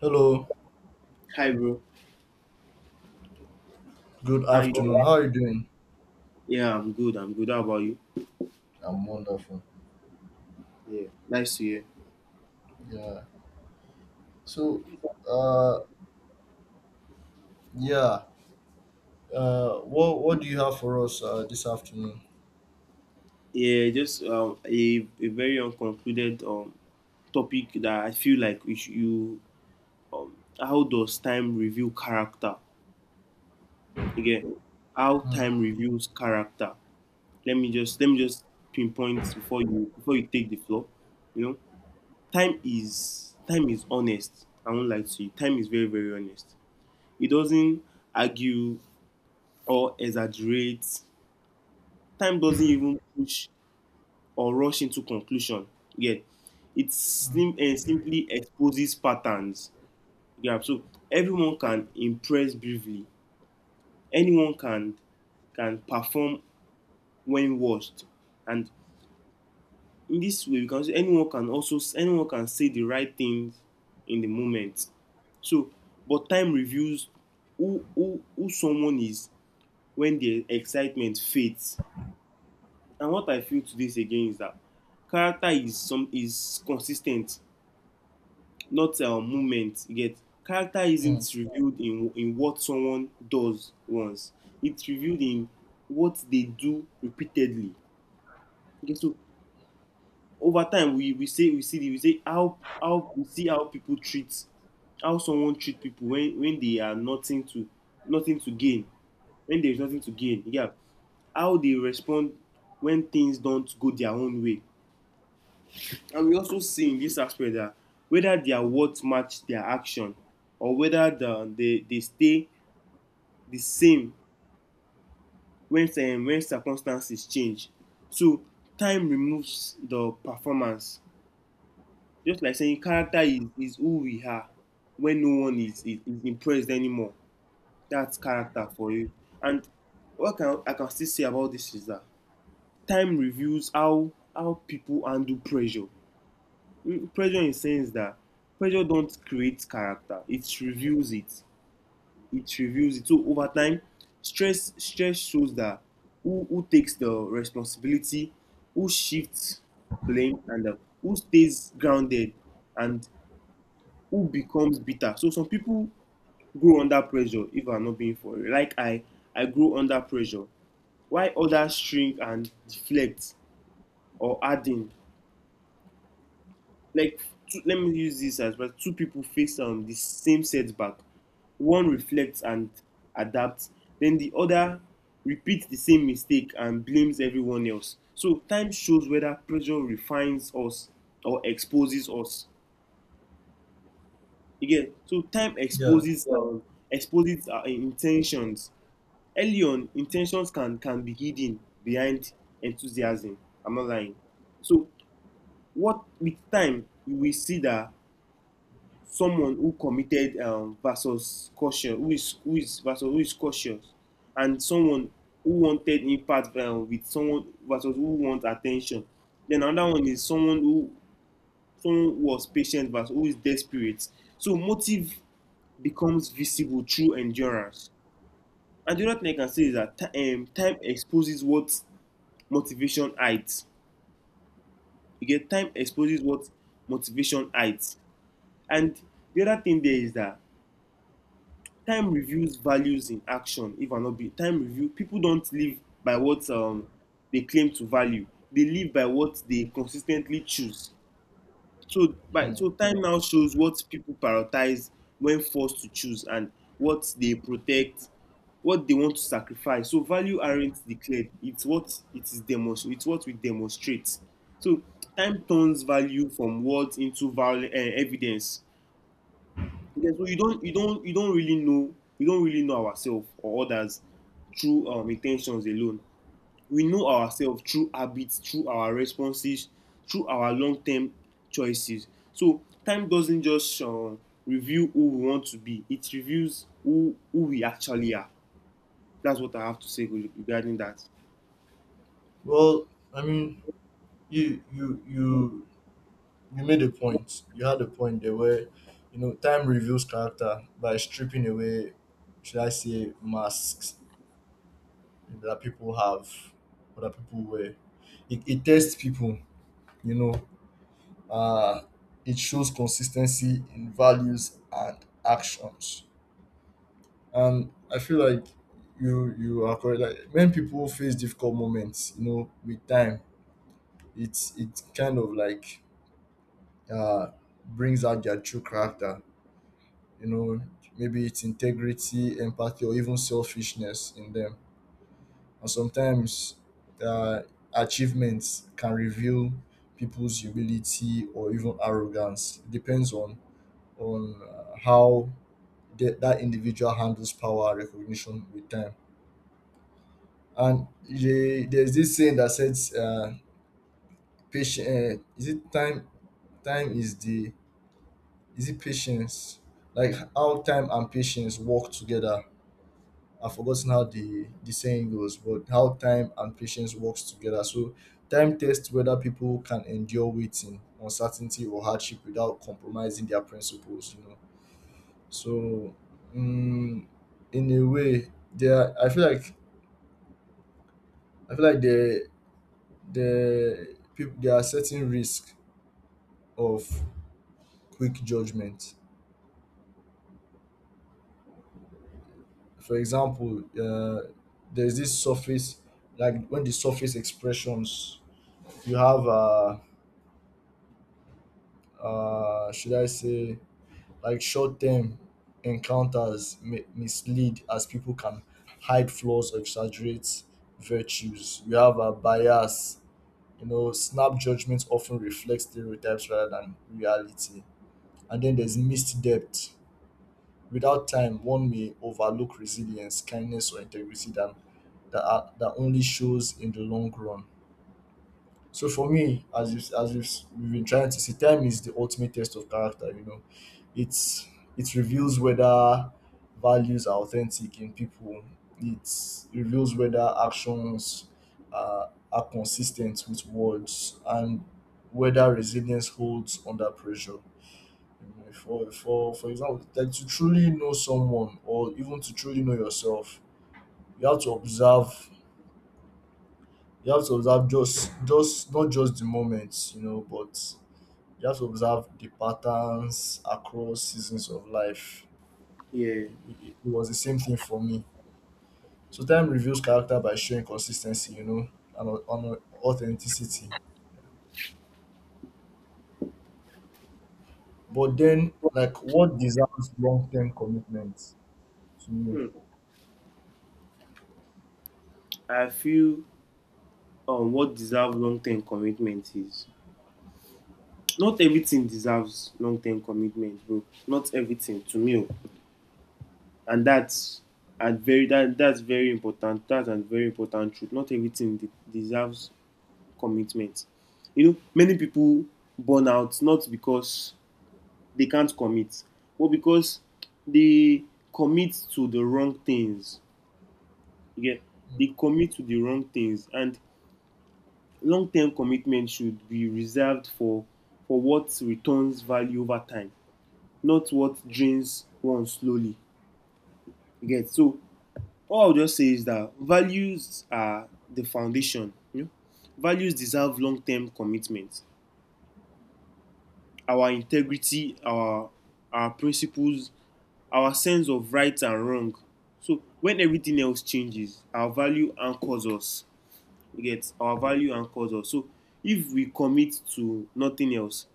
Hello, Hi, bro. good How you afternoon. doing? How are you doing? Yeah, I'm good. How about you? I'm wonderful. Yeah, nice to hear. Yeah. So, uh, yeah. What do you have for us this afternoon? Just a very unconcluded topic that I feel like we should, you how does time reveal character? Again, how Hmm, time reveals character. Let me just pinpoint before you take the floor. You know, time is honest. I won't lie to you. Time is very honest. It doesn't argue or exaggerate. Time doesn't even push or rush into conclusion. Yeah, it hmm, slim, and simply exposes patterns. Yeah, so everyone can impress briefly. Anyone can perform when watched, and in this way, we can say anyone can say the right things in the moment. So, but time reveals who someone is when the excitement fades. And what I feel to this again is that character is consistent, ten t not a movement you get. character isn't hmm. revealed in in what someone does once. It's revealed in what they do repeatedly. Okay, so over time, we say we see the we say how we see how people treat, how someone treat people when they are nothing to gain, when there is nothing to gain. Yeah, how they respond when things don't go their own way. And we also see in this aspect that whether their words match their action, or whether they stay the same when circumstances change. So time removes the performance. Just like saying character is who we are when no one is impressed anymore. That's character for you. And I can still say about this is that time reveals how people handle pressure. Mm, pressure in sense that pressure don't create character, it reveals it. So over time, stress shows that who takes the responsibility, who shifts blame, and who stays grounded, and who becomes bitter. So some people grow under pressure. If I'm not being for real, like I grow under pressure. Why others shrink and deflect or harden. Like, two, let me use this as well two people face the same setback. One reflects and adapts, then the other repeats the same mistake and blames everyone else. So time shows whether pressure refines us or exposes us. Again, so time Yeah. exposes exposes our intentions. Early on, intentions can be hidden behind enthusiasm. I'm not lying. So what with time you will see that someone who committed versus who is cautious, and someone who wanted impact with someone versus who wants attention. Then another one is someone who someone was patient versus who is desperate. So motive becomes visible through endurance. And the other thing I can say is that time exposes what motivation hides. You get, time exposes what motivation hides. And the other thing there is that time reviews values in action. If I'm not be Time review, people don't live by what they claim to value. They live by what they consistently choose. so by hmm. so time now shows what people prioritize when forced to choose, and what they protect, what they want to sacrifice. So value aren't declared, it's what we demonstrate. So time turns value from words into evidence. Yeah, so you don't you don't you don't really know we don't really know ourselves or others through intentions alone. We know ourselves through habits, through our responses, through our long-term choices. So time doesn't just reveal who we want to be; it reveals who we actually are. That's what I have to say regarding that. Well, I mean, you you you you made a point. You had a point there where, you know, time reveals character by stripping away, should I say, masks that people have, or that people wear. It tests people, you know. uh, it shows consistency in values and actions. And I feel like you are correct. Like when people face difficult moments, you know, with time, it kind of like uh, brings out their true character. You know, maybe it's integrity, empathy, or even selfishness in them. And sometimes uh, achievements can reveal people's humility or even arrogance. Depends on how that individual handles power recognition with time. And there's this saying that says, "Patient is it time? Time is the is it patience? Like how time and patience work together." I've forgotten how the saying goes, but how time and patience works together. So time tests whether people can endure waiting, uncertainty, or hardship without compromising their principles. You know. So, mm, in a way, there I feel like I feel like the there are certain risk of quick judgment. For example, there's this surface like when the surface expressions you have should I say like short term encounters mislead as people can hide flaws or exaggerate virtues. You have a bias, you know, snap judgments often reflect stereotypes rather than reality. And then there's missed depth. Without time, one may overlook resilience, kindness, or integrity that that only shows in the long run. So for me, as we've been trying to see, time is the ultimate test of character. You know, it's it reveals whether values are authentic in people. It reveals whether actions are consistent with words, and whether resilience holds under pressure. You know, for, example, like to truly know someone or even to truly know yourself, you have to observe, just not just the moments, you know, but you have to observe the patterns across seasons of life. Yeah, It was the same thing for me. So time reveals character by showing consistency, you know, and authenticity. But then, like, what deserves long-term commitment to you? I feel what deserves long-term commitment is, not everything deserves long-term commitment, bro. Not everything to me. Oh. And that's very important. That's a very important truth. Not everything deserves commitment. You know, many people burn out not because they can't commit, but because they commit to the wrong things. Yeah, they commit to the wrong things, and long-term commitment should be reserved for what returns value over time, not what drains one slowly. You get, so all I'll just say is that values are the foundation. You know? Values deserve long-term commitment. Our integrity, our principles, our sense of right and wrong. So when everything else changes, our value anchors us. You get, our value anchors us. So if we commit to nothing else,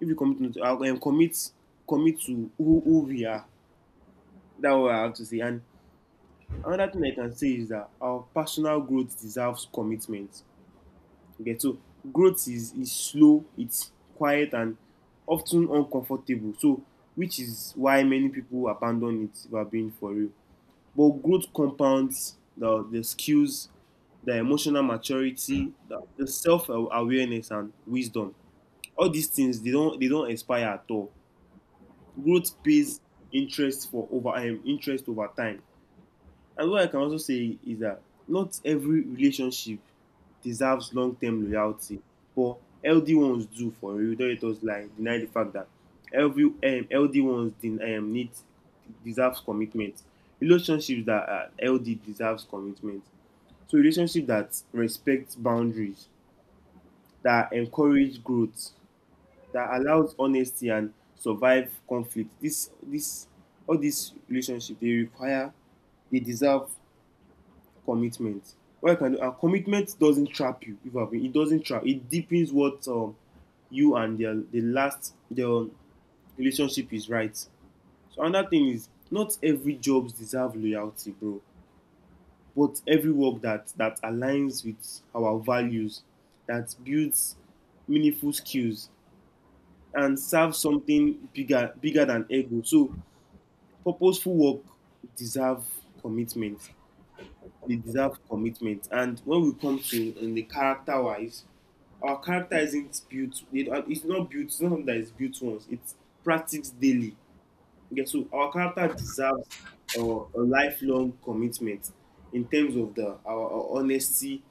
if we commit to commit to who we are, that's what I have to say. And another thing I can say is that our personal growth deserves commitment. Okay, so growth is slow, it's quiet, and often uncomfortable. So, which is why many people abandon it, if we're being for real. But growth compounds the skills, the emotional maturity, the self awareness, and wisdom. All these things, they don't expire at all. Growth pays interest over time. And what I can also say is that not every relationship deserves long term loyalty, but healthy ones do for real. Don't let us lie, deny the fact that every healthy ones de- need deserves commitment. Relationships that are healthy deserves commitment. So relationship that respects boundaries, that encourage growth, that allows honesty and survive conflict. This All these relationship they require, they deserve commitment. What I can do, and commitment doesn't trap you. If I've been, it doesn't trap. It deepens what you and the last the relationship is right. So another thing is, not every jobs deserve loyalty, bro. But every work that aligns with our values, that builds meaningful skills and serves something bigger than ego. So purposeful work deserve commitment. And when we come to in the character wise, our character isn't built. It, it's not built. It's not something that is built once. It's practiced daily. Okay, so our character deserves a lifelong commitment in terms of the our honesty,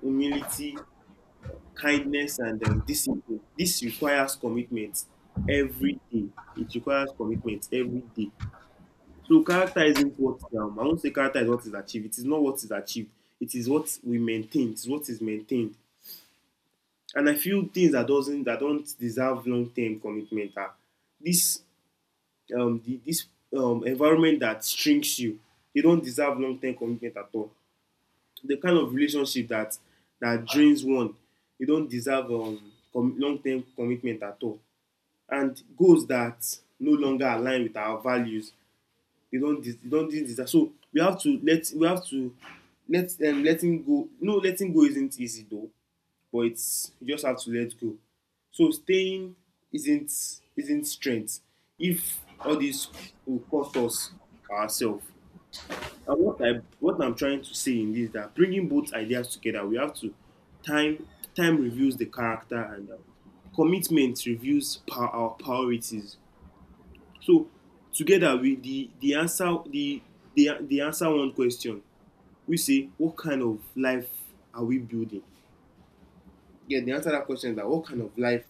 humility, kindness, and discipline. This requires commitment every day. It requires commitment every day. So character isn't what I won't say character is what is achieved. It is not what is achieved. It is what we maintain. It is what is maintained. And I feel things that doesn't that don't deserve long term commitment are this this environment that strings you. They don't deserve long term commitment at all. The kind of relationship that drains one, you don't deserve long term commitment at all. And goals that no longer align with our values, they don't do this. So we have to let, we have to let, letting go isn't easy though, but it's, you just have to let go. So staying isn't strength if all this will cost us ourselves. And what I'm trying to say in this is that, bringing both ideas together, we have to, time, time reveals the character, and commitment reveals our priorities. So together, we the answer one question. We say, what kind of life are we building? Yeah, the answer to that question is that, what kind of life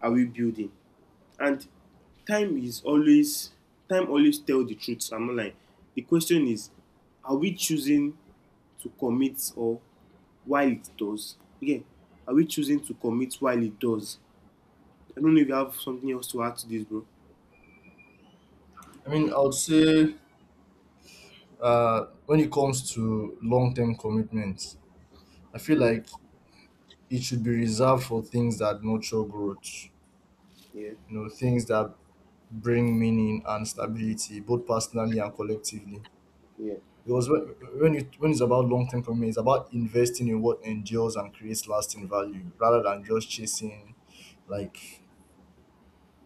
are we building? And time is always time always tell the truth. I'm not lying. The question is, are we choosing to commit or while it does? Yeah, are we choosing to commit while it does? I don't know if you have something else to add to this, bro. I mean, I would say when it comes to long term commitment, I feel Mm, like it should be reserved for things that nurture growth, yeah, you know, things that bring meaning and stability, both personally and collectively. yeah. Because when it's about long term commitment, it's about investing in what endures and creates lasting value rather than just chasing like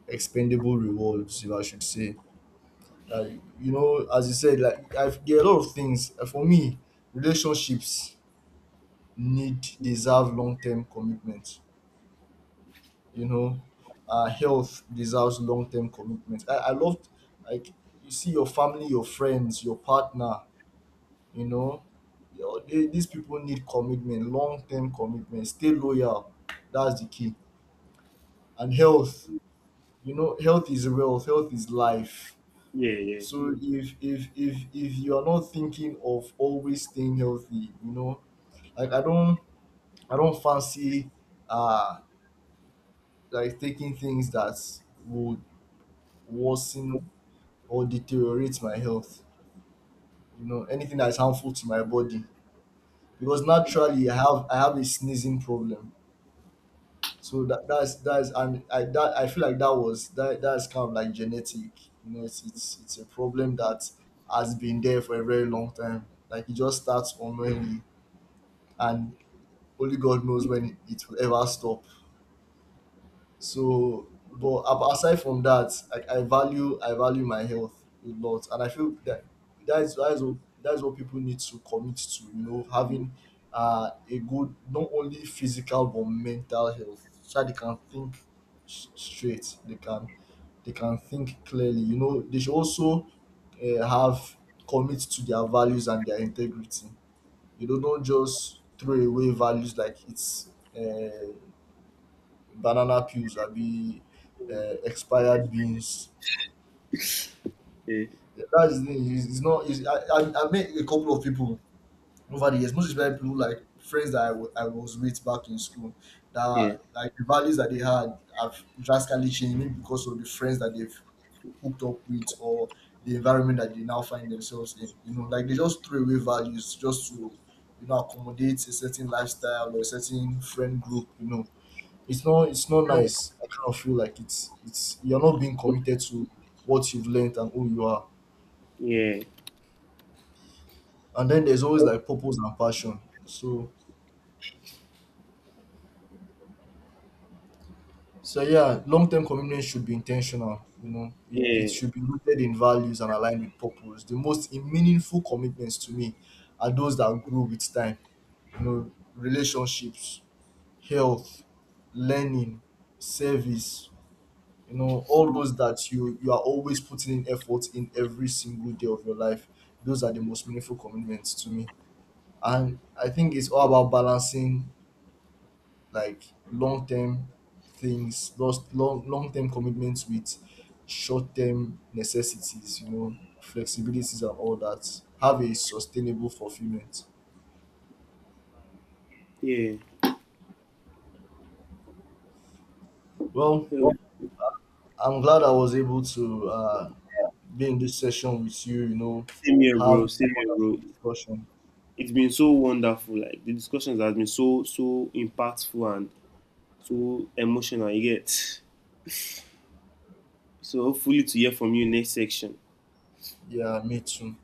expendable rewards, if I should say. Like, you know, as you said, like I've, there are a lot of things. For me, relationships need deserve long term commitment. You know, health deserves long term commitment. I love, like, you see your family, your friends, your partner, you know, yo, they, these people need commitment, long-term commitment, stay loyal. That's the key. And health, you know, health is wealth, health is life. Yeah, yeah. So if you are not thinking of always staying healthy, you know, like I don't fancy uh like taking things that would worsen or deteriorate my health, you know, anything that's harmful to my body. Because naturally I have a sneezing problem. So that's, and I feel like that that's kind of like genetic. You know, it's a problem that has been there for a very long time. Like it just starts unknowingly, and only God knows when it will ever stop. So, but aside from that, like I value my health a lot, and I feel that that is that is what that is what people need to commit to. You know, having a good not only physical but mental health, so that they can think straight. They can think clearly. You know, they should also have commit to their values and their integrity. You know, don't just throw away values like it's. Uh, banana peels, I be, Okay. Expired beans. Yeah. Yeah, that's the thing. It's not. It's, I met a couple of people over the years. Most especially people like friends that I was with back in school. Yeah, That, like, the values that they had have drastically changed, maybe because of the friends that they've hooked up with, or the environment that they now find themselves in. You know, like they just throw away values just to, you know, accommodate a certain lifestyle or a certain friend group. You know, it's not nice. I kind of feel like it's you're not being committed to what you've learned and who you are. yeah, And then there's always like purpose and passion. So yeah, long term commitment should be intentional, you know. It yeah, should be rooted in values and aligned with purpose. The most meaningful commitments to me are those that grow with time. You know, relationships, health, learning, service, you know, all those that you are always putting in effort in every single day of your life, those are the most meaningful commitments to me. And I think it's all about balancing, like, long-term things, those long-term commitments with short-term necessities, you know, flexibilities and all that have a sustainable fulfillment. yeah. Well, So, I'm glad I was able to be in this session with you, you know, same here, bro. have this Same here, bro. wonderful discussion. It's been so wonderful. Like the discussions have been so impactful and so emotional. You get, so hopefully to hear from you next section. Yeah, me too.